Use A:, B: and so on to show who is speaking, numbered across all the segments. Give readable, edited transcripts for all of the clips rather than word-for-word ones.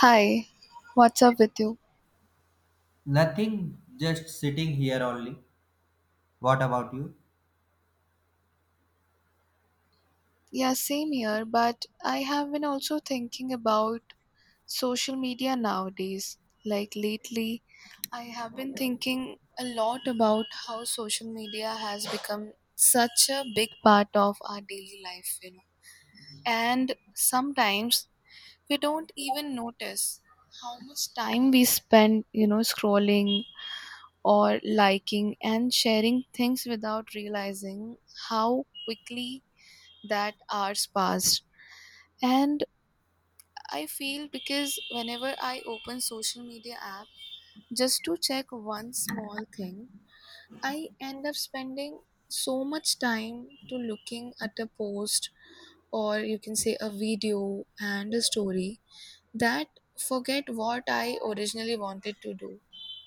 A: Hi, what's up with you?
B: Nothing, just sitting here only. What about you?
A: Yeah, same here, but I have been also thinking about social media nowadays. Like lately, I have been thinking a lot about how social media has become such a big part of our daily life. And sometimes we don't even notice how much time we spend, scrolling or liking and sharing things without realizing how quickly that hours passed and I feel because whenever I open social media app just to check one small thing I end up spending so much time to looking at a post or you can say a video and a story that forget what I originally wanted to do.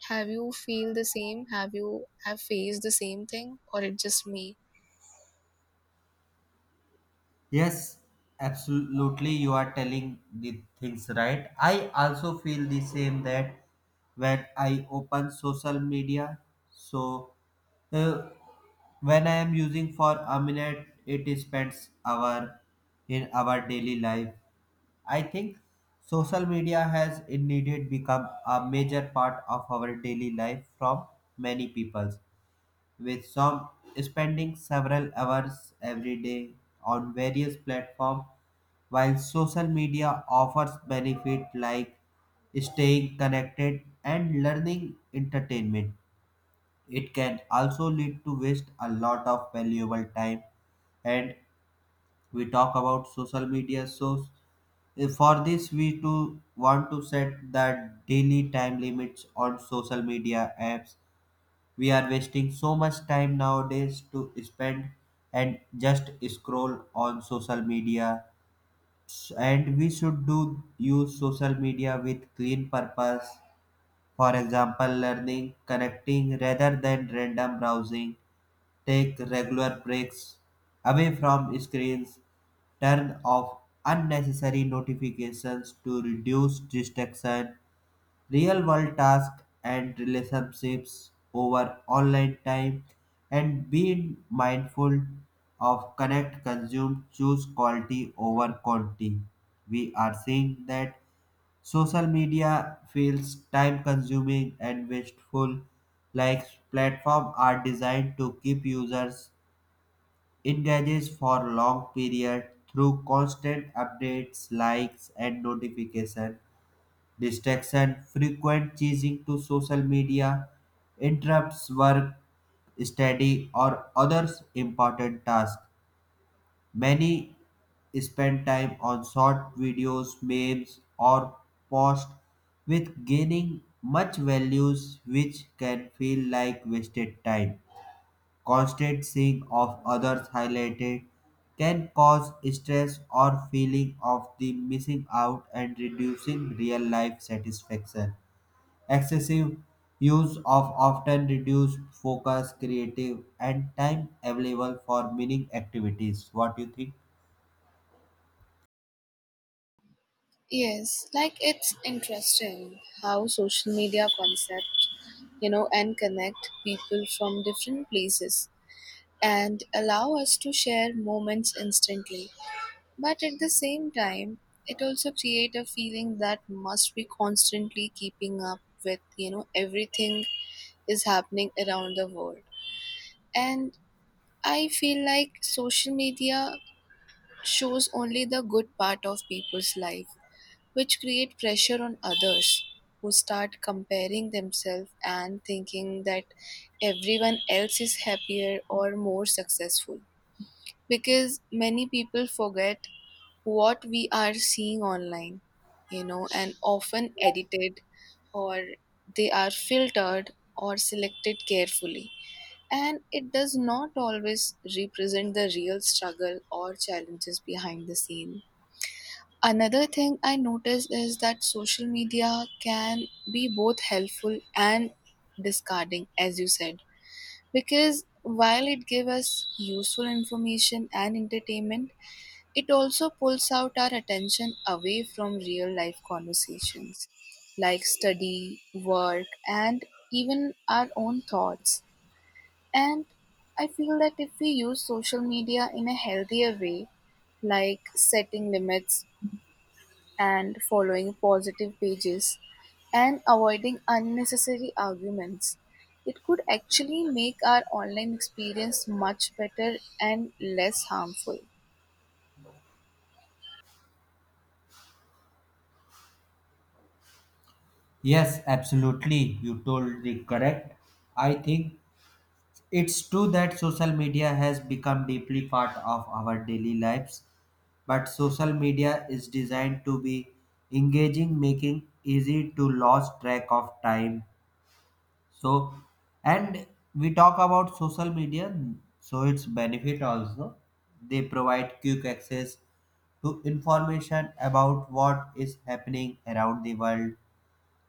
A: Have you have faced the same thing or it just me?
B: Yes, absolutely. You are telling the things right. I also feel the same that when I open social media, so uh, when I am using for a minute, it spends hour in our daily life. I think social media has indeed become a major part of our daily life from many people, with some spending several hours every day on various platforms, while social media offers benefits like staying connected and learning entertainment. It can also lead to waste a lot of valuable time, and we talk about social media, so for this we too want to set the daily time limits on social media apps. We are wasting so much time nowadays to spend and just scroll on social media, and we should do use social media with clean purpose, for example learning, connecting rather than random browsing, take regular breaks away from screens, turn off unnecessary notifications to reduce distraction, real world tasks and relationships over online time, and being mindful of connect, consume, choose quality over quantity. We are seeing that social media feels time consuming and wasteful, like platforms are designed to keep users engaged for long period through constant updates, likes and notifications. Distraction, frequent chasing to social media, interrupts work, study, or others important tasks. Many spend time on short videos, memes, or posts with gaining much values, which can feel like wasted time. Constant seeing of others highlighted can cause stress or feeling of the missing out and reducing real life satisfaction. Excessive use of often reduced focus, creative, and time available for meaning activities. What do you think?
A: Yes, like it's interesting how social media concept, and connect people from different places and allow us to share moments instantly. But at the same time, it also create a feeling that must be constantly keeping up with, everything is happening around the world. And I feel like social media shows only the good part of people's life which create pressure on others who start comparing themselves and thinking that everyone else is happier or more successful because many people forget what we are seeing online and often edited or they are filtered or selected carefully and it does not always represent the real struggle or challenges behind the scene. Another thing I noticed is that social media can be both helpful and discarding, as you said, because while it gives us useful information and entertainment, it also pulls out our attention away from real life conversations like study, work, and even our own thoughts. And I feel that if we use social media in a healthier way, like setting limits and following positive pages and avoiding unnecessary arguments. It could actually make our online experience much better and less harmful.
B: Yes, absolutely. You told the correct. I think it's true that social media has become deeply part of our daily lives, but social media is designed to be engaging, making easy to lose track of time. So, and we talk about social media, so its benefit also. They provide quick access to information about what is happening around the world.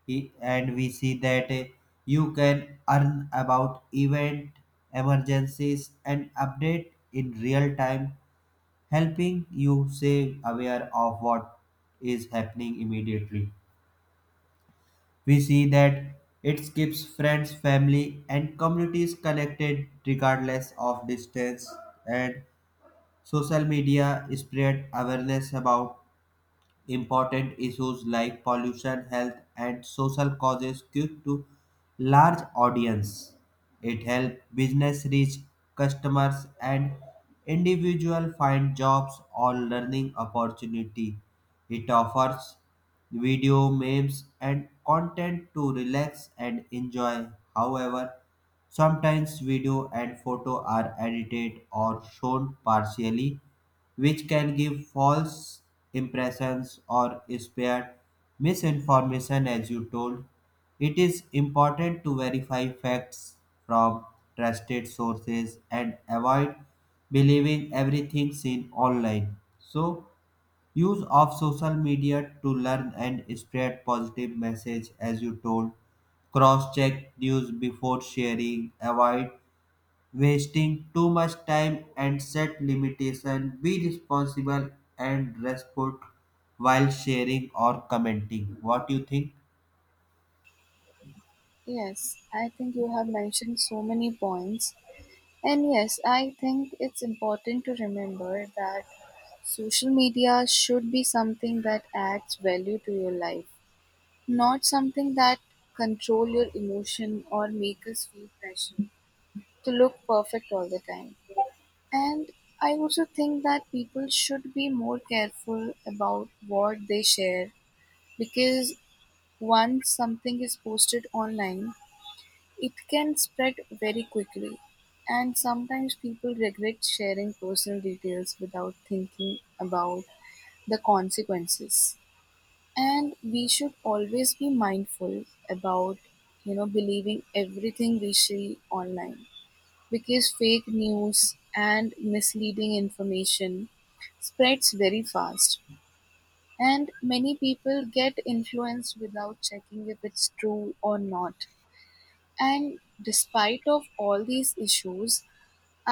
B: And we see that you can earn about event, emergencies, and update in real time, helping you stay aware of what is happening immediately. We see that it keeps friends, family, and communities connected regardless of distance, and social media spread awareness about important issues like pollution, health, and social causes quick to large audience. It helps business reach customers and individual find jobs or learning opportunity. It offers video memes and content to relax and enjoy. However, sometimes video and photo are edited or shown partially, which can give false impressions or spread misinformation as you told. It is important to verify facts from trusted sources and avoid believing everything seen online. So use of social media to learn and spread positive message as you told, cross check news before sharing, avoid wasting too much time and set limitation, be responsible and respect while sharing or commenting. What do you think?
A: Yes, I think you have mentioned so many points. And yes, I think it's important to remember that social media should be something that adds value to your life, not something that control your emotion or make us feel pressure to look perfect all the time. And I also think that people should be more careful about what they share because once something is posted online, it can spread very quickly. And sometimes people regret sharing personal details without thinking about the consequences. And we should always be mindful about, believing everything we see online because fake news and misleading information spreads very fast and many people get influenced without checking if it's true or not. And despite of all these issues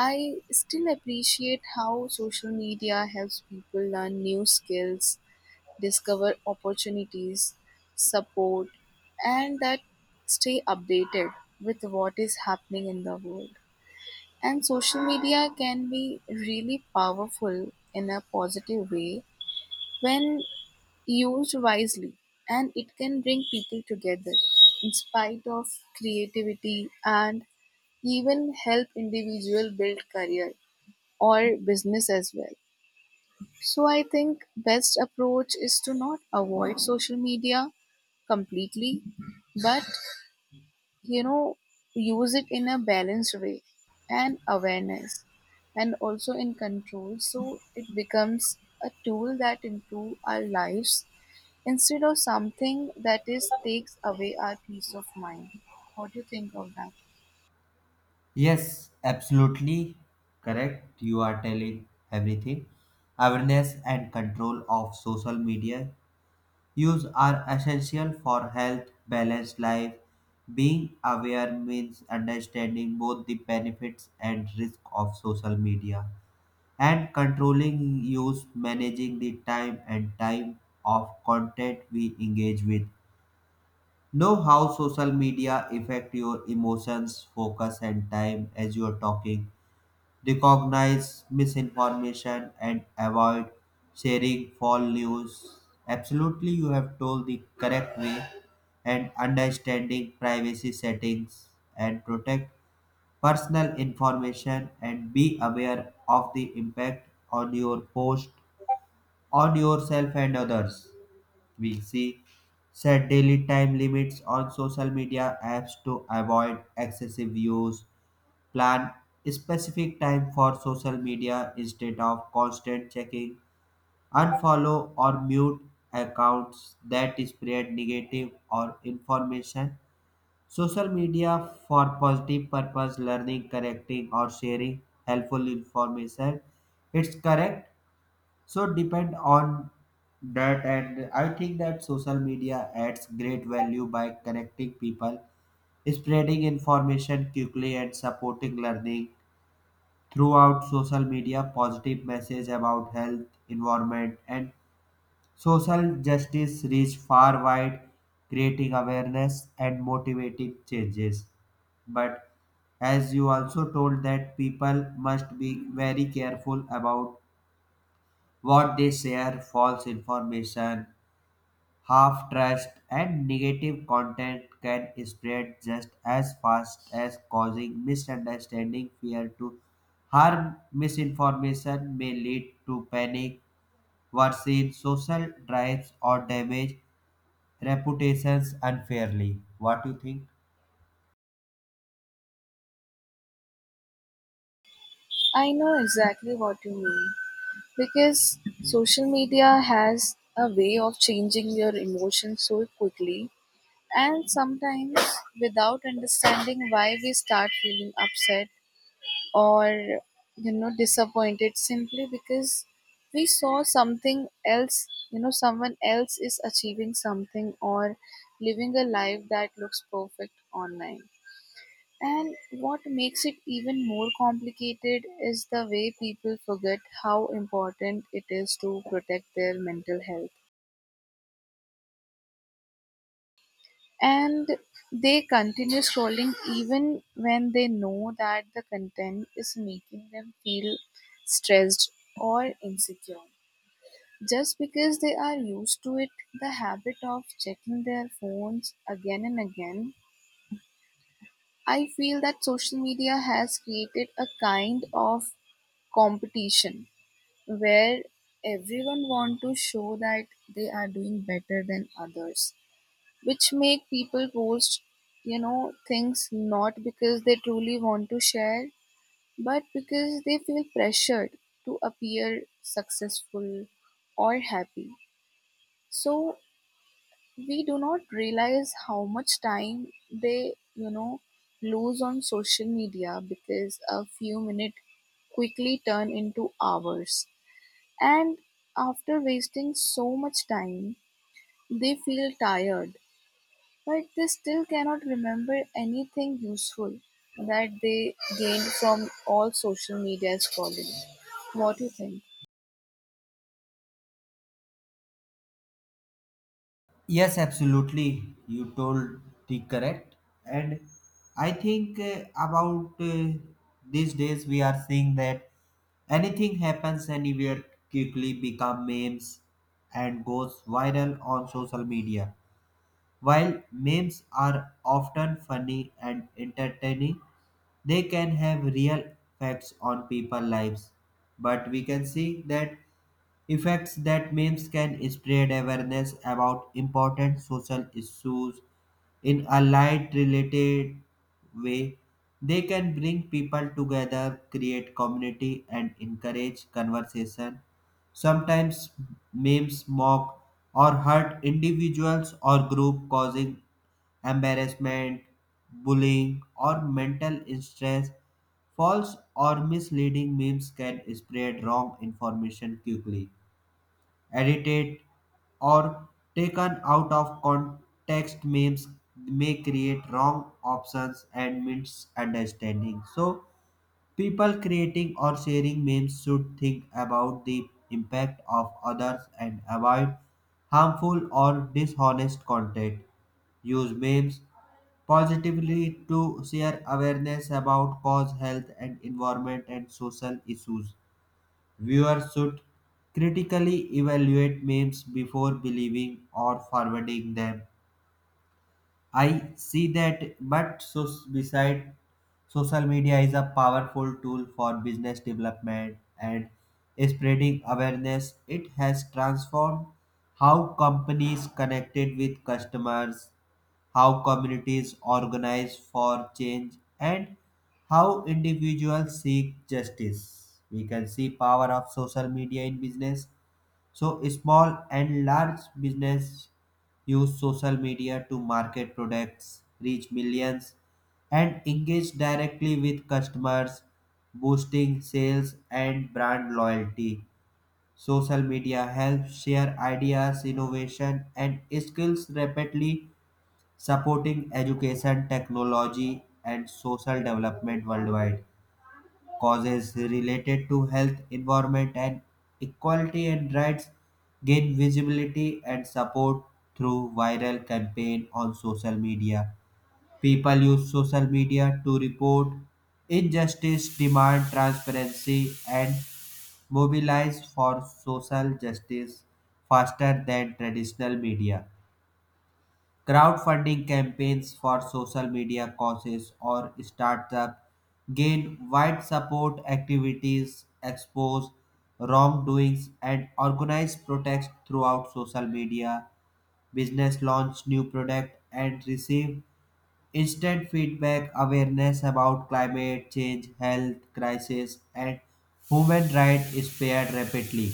A: I still appreciate how social media helps people learn new skills, discover opportunities, support and that stay updated with what is happening in the world. And social media can be really powerful in a positive way when used wisely, and it can bring people together in spite of creativity and even help individual build career or business as well. So I think best approach is to not avoid social media completely but you know use it in a balanced way and awareness and also in control so it becomes a tool that improve our lives instead of something that is takes away our peace of mind. What do you think of that?
B: Yes, absolutely correct. You are telling everything. Awareness and control of social media use are essential for health balanced life. Being aware means understanding both the benefits and risk of social media, and controlling use, managing the time and time of content we engage with. Know how social media affect your emotions, focus, and time as you are talking. Recognize misinformation and avoid sharing false news. Absolutely, you have told the correct way, and understanding privacy settings and protect personal information and be aware of the impact on your post on yourself and others. We see, set daily time limits on social media apps to avoid excessive use. Plan specific time for social media instead of constant checking. Unfollow or mute accounts that spread negative or information. Social media for positive purpose, learning, correcting, or sharing helpful information. It's correct. So depend on that, and I think that social media adds great value by connecting people, spreading information quickly, and supporting learning. Throughout social media, positive message about health, environment, and social justice reach far wide, creating awareness and motivating changes. But as you also told, that people must be very careful about what they share. False information, half trust and negative content can spread just as fast as causing misunderstanding, fear to harm. Misinformation may lead to panic, worsen social drives or damage reputations unfairly. What do you think?
A: I know exactly what you mean because social media has a way of changing your emotions so quickly and sometimes without understanding why we start feeling upset or disappointed simply because we saw something else, someone else is achieving something or living a life that looks perfect online. And what makes it even more complicated is the way people forget how important it is to protect their mental health and they continue scrolling even when they know that the content is making them feel stressed or insecure. Just because they are used to it, the habit of checking their phones again and again, I feel that social media has created a kind of competition where everyone want to show that they are doing better than others which make people post things not because they truly want to share but because they feel pressured to appear successful or happy. So we do not realize how much time they lose on social media because a few minutes quickly turn into hours and after wasting so much time they feel tired but they still cannot remember anything useful that they gained from all social media scrolling. What do you think?
B: Yes, absolutely. You told the correct. And I think about these days we are seeing that anything happens anywhere quickly become memes and goes viral on social media. While memes are often funny and entertaining, they can have real effects on people's lives. But we can see that effects, that memes can spread awareness about important social issues in a light related way. They can bring people together, create community and encourage conversation. Sometimes memes mock or hurt individuals or group, causing embarrassment, bullying or mental stress. False or misleading memes can spread wrong information quickly, edited, or taken out of context. Memes may create wrong options and misunderstanding. So, people creating or sharing memes should think about the impact of others and avoid harmful or dishonest content. Use memes positively to share awareness about cause, health, and environment and social issues. Viewers should critically evaluate memes before believing or forwarding them. I see that, but so beside, social media is a powerful tool for business development and spreading awareness. It has transformed how companies connected with customers, how communities organize for change, and how individuals seek justice. We can see power of social media in business. So small and large business use social media to market products, reach millions, and engage directly with customers, boosting sales and brand loyalty. Social media helps share ideas, innovation, and skills rapidly, supporting education, technology, and social development worldwide. Causes related to health, environment, and equality and rights gain visibility and support through viral campaign on social media. People use social media to report injustice, demand transparency, and mobilize for social justice faster than traditional media. Crowdfunding campaigns for social media causes or startups gain wide support. Activities expose wrongdoings and organize protests throughout social media. Business launch new product and receive instant feedback. Awareness about climate change, health crisis, and human rights is spared rapidly.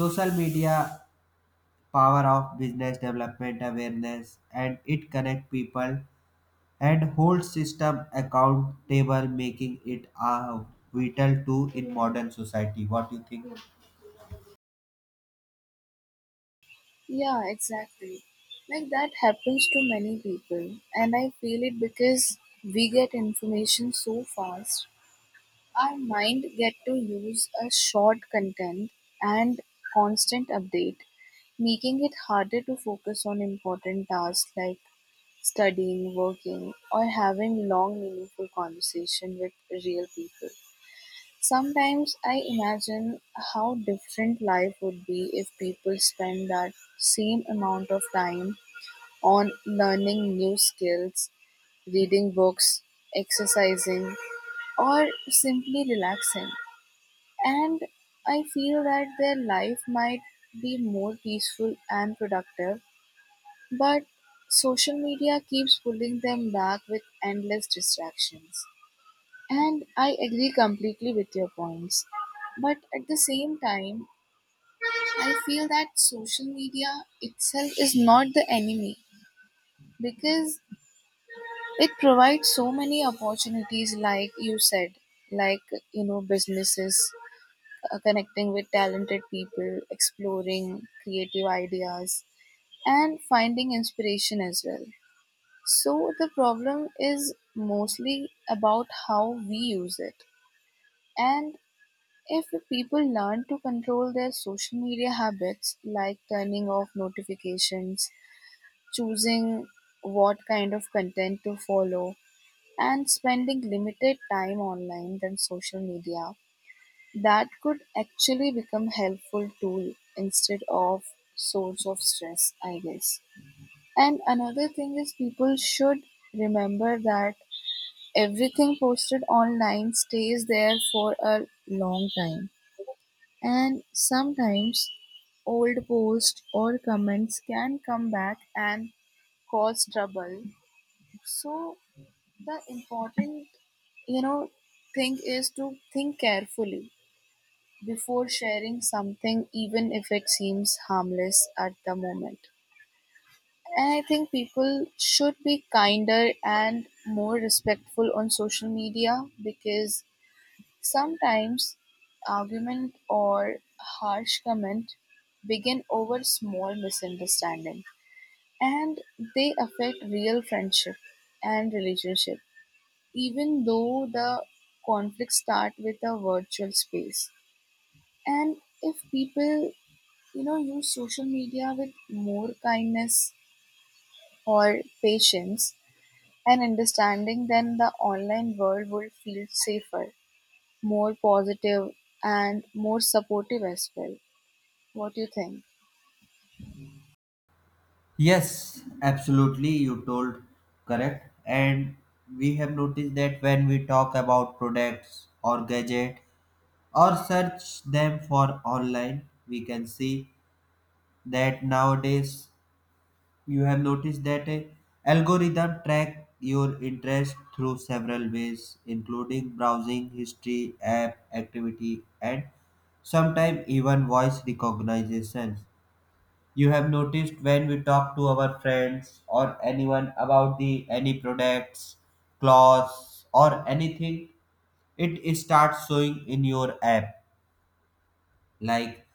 B: Social media power of business development awareness, and it connect people and holds system accountable, making it a vital tool in modern society. What do you think?
A: Yeah, exactly. Like that happens to many people, and I feel it because we get information so fast. Our mind get to use a short content and constant update, making it harder to focus on important tasks like studying, working, or having long, meaningful conversation with real people. Sometimes I imagine how different life would be if people spend that same amount of time on learning new skills, reading books, exercising, or simply relaxing. And I feel that their life might be more peaceful and productive but social media keeps pulling them back with endless distractions. And I agree completely with your points. But at the same time, I feel that social media itself is not the enemy because it provides so many opportunities, like you said, like, businesses connecting with talented people, exploring creative ideas, and finding inspiration as well. So the problem is mostly about how we use it. And if people learn to control their social media habits, like turning off notifications, choosing what kind of content to follow, and spending limited time online than social media, that could actually become helpful tool instead of source of stress, I guess. And another thing is people should remember that everything posted online stays there for a long time and sometimes old posts or comments can come back and cause trouble. So the important you know thing is to think carefully before sharing something even if it seems harmless at the moment. And I think people should be kinder and more respectful on social media because sometimes argument or harsh comment begin over small misunderstanding and they affect real friendship and relationship even though the conflicts start with a virtual space. And if people use social media with more kindness or patience and understanding then the online world would feel safer, more positive, and more supportive as well. What do you think?
B: Yes, absolutely. You told correct. And we have noticed that when we talk about products or gadget or search them for online, we can see that nowadays you have noticed that a algorithm track your interest through several ways including browsing history, app activity and sometimes even voice recognition. You have noticed when we talk to our friends or anyone about the any products, clothes or anything, it starts showing in your app. Like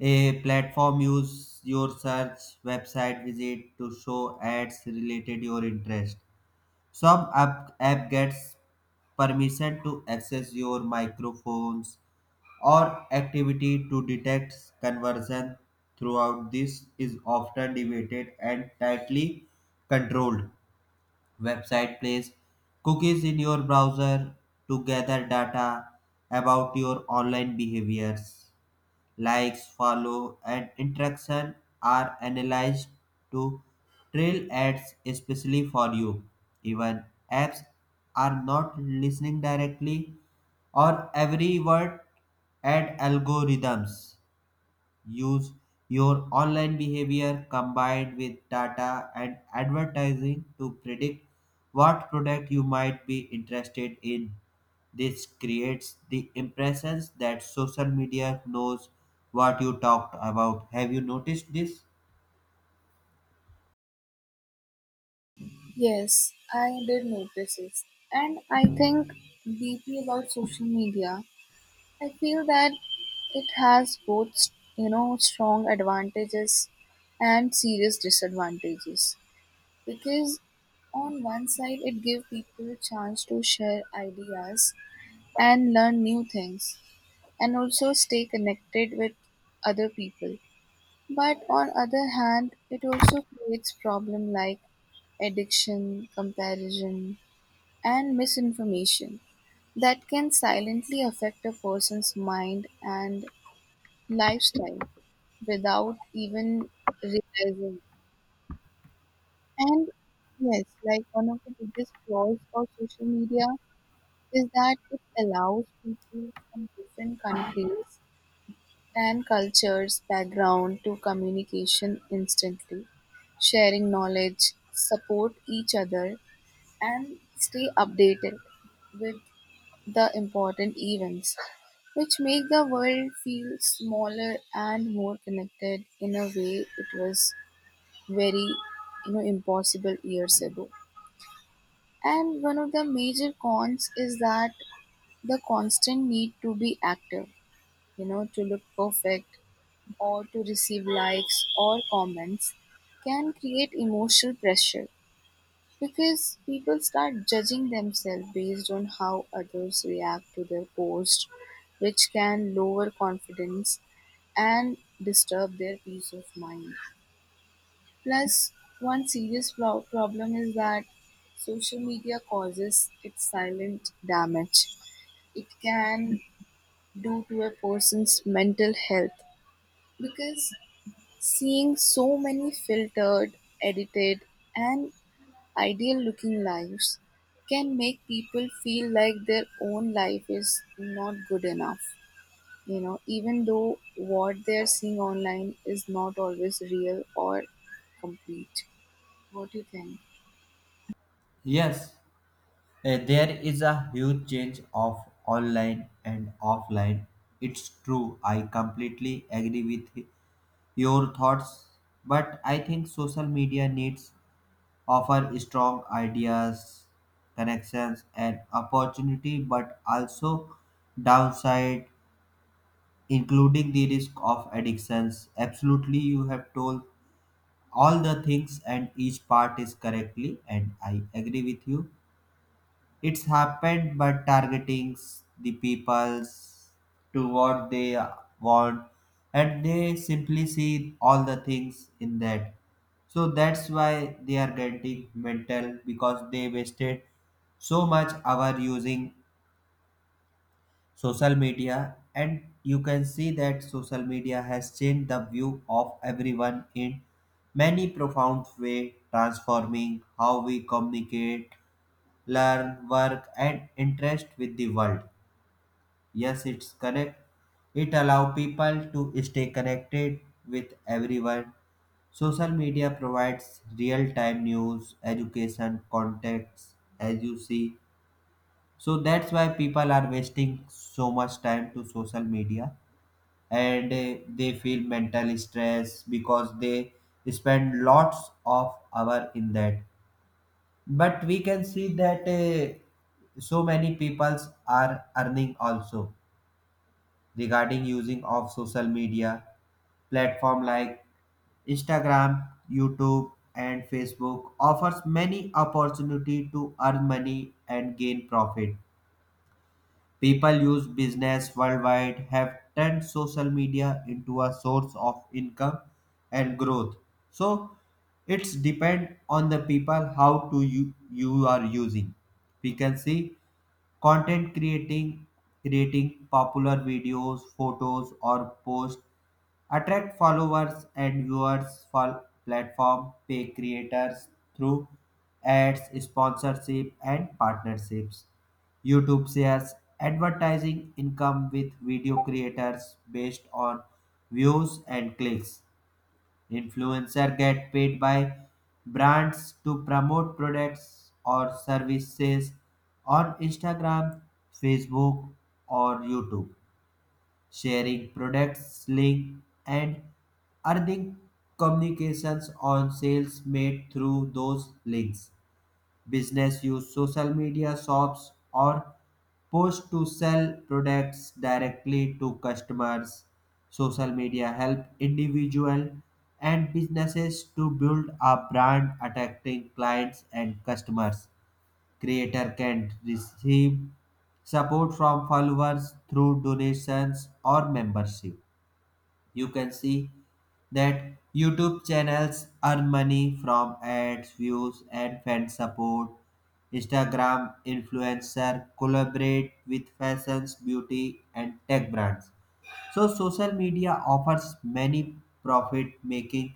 B: a platform use your search, website visit to show ads related your interest. Some app, app gets permission to access your microphones or activity to detect conversion. Throughout this is often debated and tightly controlled. Website place cookies in your browser to gather data about your online behaviors. Likes, follow, and interaction are analyzed to trail ads especially for you. Even apps are not listening directly or every word, ad algorithms use your online behavior combined with data and advertising to predict what product you might be interested in. This creates the impressions that social media knows what you talked about. Have you noticed this?
A: Yes, I did notice this. And I think deeply about social media. I feel that it has both, strong advantages and serious disadvantages. Because on one side, it gives people a chance to share ideas and learn new things and also stay connected with other people. But on other hand, it also creates problem like addiction, comparison, and misinformation that can silently affect a person's mind and lifestyle without even realizing. And yes, like one of the biggest flaws of social media is that it allows people from different countries and cultures background to communication instantly, sharing knowledge, support each other, and stay updated with the important events, which make the world feel smaller and more connected in a way it was very impossible years ago. And one of the major cons is that the constant need to be active, to look perfect or to receive likes or comments can create emotional pressure because people start judging themselves based on how others react to their post, which can lower confidence and disturb their peace of mind. Plus, one serious problem is that social media causes its silent damage. It can do to a person's mental health because seeing so many filtered, edited, and ideal looking lives can make people feel like their own life is not good enough, even though what they're seeing online is not always real or complete. What do you think?
B: Yes, there is a huge change of online and offline. It's true. I completely agree with your thoughts, but I think social media needs offer strong ideas, connections, and opportunity, but also downside, including the risk of addictions. Absolutely, you have told all the things, and each part is correctly, and I agree with you. It's happened, but targeting the peoples to what they want, and they simply see all the things in that. So that's why they are getting mental because they wasted so much hour using social media, and you can see that social media has changed the view of everyone in many profound way, transforming how we communicate, learn, work, and interest with the world. Yes, it's correct. It allows people to stay connected with everyone. Social media provides real time news, education, contacts, as you see. So that's why people are wasting so much time to social media, and they feel mental stress because they spend lots of hour in that. But we can see that so many peoples are earning also regarding using of social media. Platform like Instagram, YouTube and Facebook offers many opportunity to earn money and gain profit. People use business worldwide have turned social media into a source of income and growth. So it's depend on the people how to you are using. We can see content creating, popular videos, photos or posts attract followers and viewers, for platform pay creators through ads, sponsorship and partnerships. YouTube shares advertising income with video creators based on views and clicks. Influencers get paid by brands to promote products or services on Instagram, Facebook, or YouTube, sharing products link and earning communications on sales made through those links. Business use social media shops or post to sell products directly to customers. Social media help individual and businesses to build a brand attracting clients and customers. Creator can receive support from followers through donations or membership. You can see that YouTube channels earn money from ads, views, and fan support. Instagram influencer collaborate with fashions, beauty, and tech brands. So social media offers many profit-making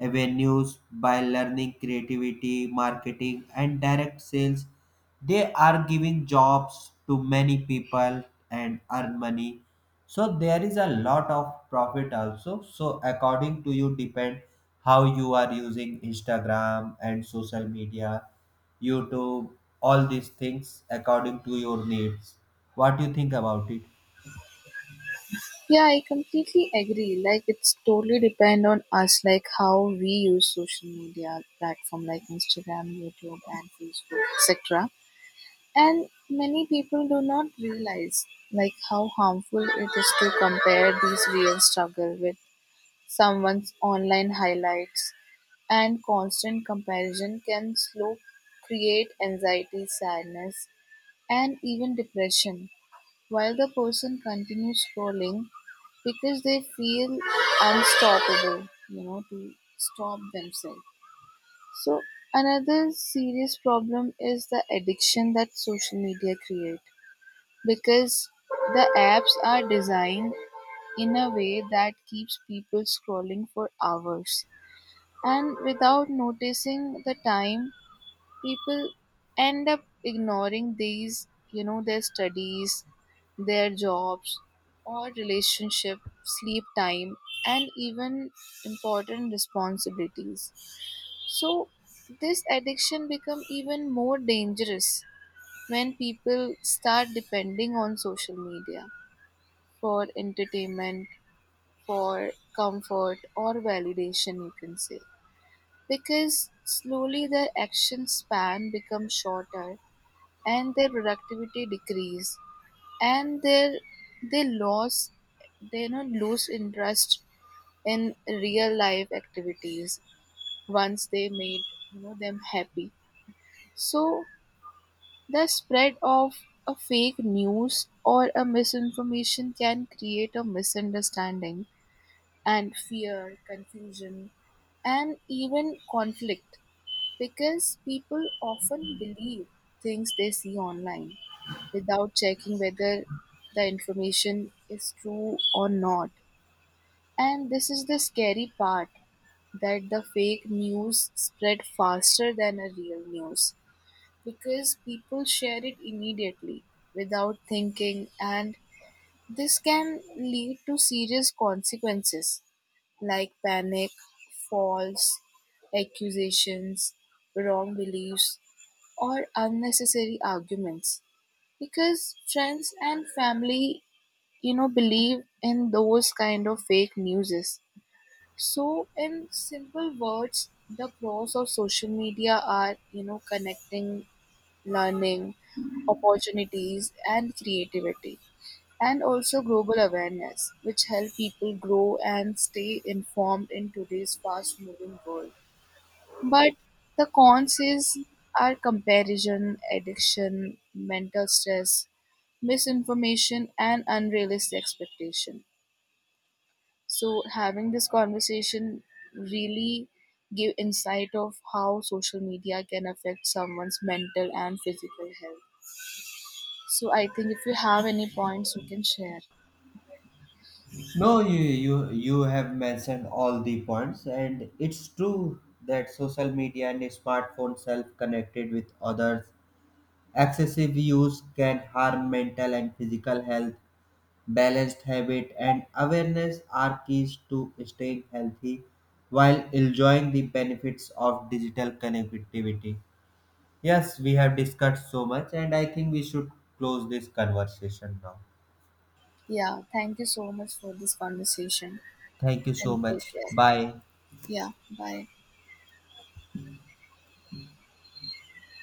B: avenues by learning creativity, marketing, and direct sales. They are giving jobs to many people and earn money. So there is a lot of profit also. So according to you, depend how you are using Instagram and social media, YouTube, all these things according to your needs. What do you think about it?
A: Yeah, I completely agree. Like it's totally depend on us, like how we use social media platform like Instagram, YouTube, and Facebook, etc. And many people do not realize like how harmful it is to compare these real struggle with someone's online highlights and constant comparison can slow create anxiety, sadness and even depression while the person continues scrolling because they feel unstoppable, to stop themselves. So another serious problem is the addiction that social media creates because the apps are designed in a way that keeps people scrolling for hours, and without noticing the time, people end up ignoring these, their studies, their jobs, or relationship, sleep time, and even important responsibilities. So, this addiction become even more dangerous when people start depending on social media for entertainment, for comfort, or validation, you can say. Because slowly their action span becomes shorter and their productivity decrease and their they lost they not lose interest in real life activities once they made you know them happy. So the spread of a fake news or a misinformation can create a misunderstanding and fear, confusion, and even conflict because people often believe things they see online without checking whether the information is true or not. And this is the scary part that the fake news spread faster than a real news because people share it immediately without thinking and this can lead to serious consequences like panic, false accusations, wrong beliefs, or unnecessary arguments. Because friends and family, believe in those kind of fake newses. So, in simple words, the pros of social media are, connecting, learning, opportunities, and creativity and also global awareness, which help people grow and stay informed in today's fast moving world. But the cons is are comparison, addiction, mental stress, misinformation and unrealistic expectation. So having this conversation really give insight of how social media can affect someone's mental and physical health. So I think if you have any points you can share.
B: No, you have mentioned all the points, and it's true that social media and smartphone self-connected with others. Excessive use can harm mental and physical health. Balanced habit and awareness are keys to staying healthy while enjoying the benefits of digital connectivity. Yes, we have discussed so much, and I think we should close this conversation now.
A: Yeah, thank you so much for this conversation
B: Thank you so
A: and take
B: much.
A: care.
B: Bye.
A: Yeah, bye.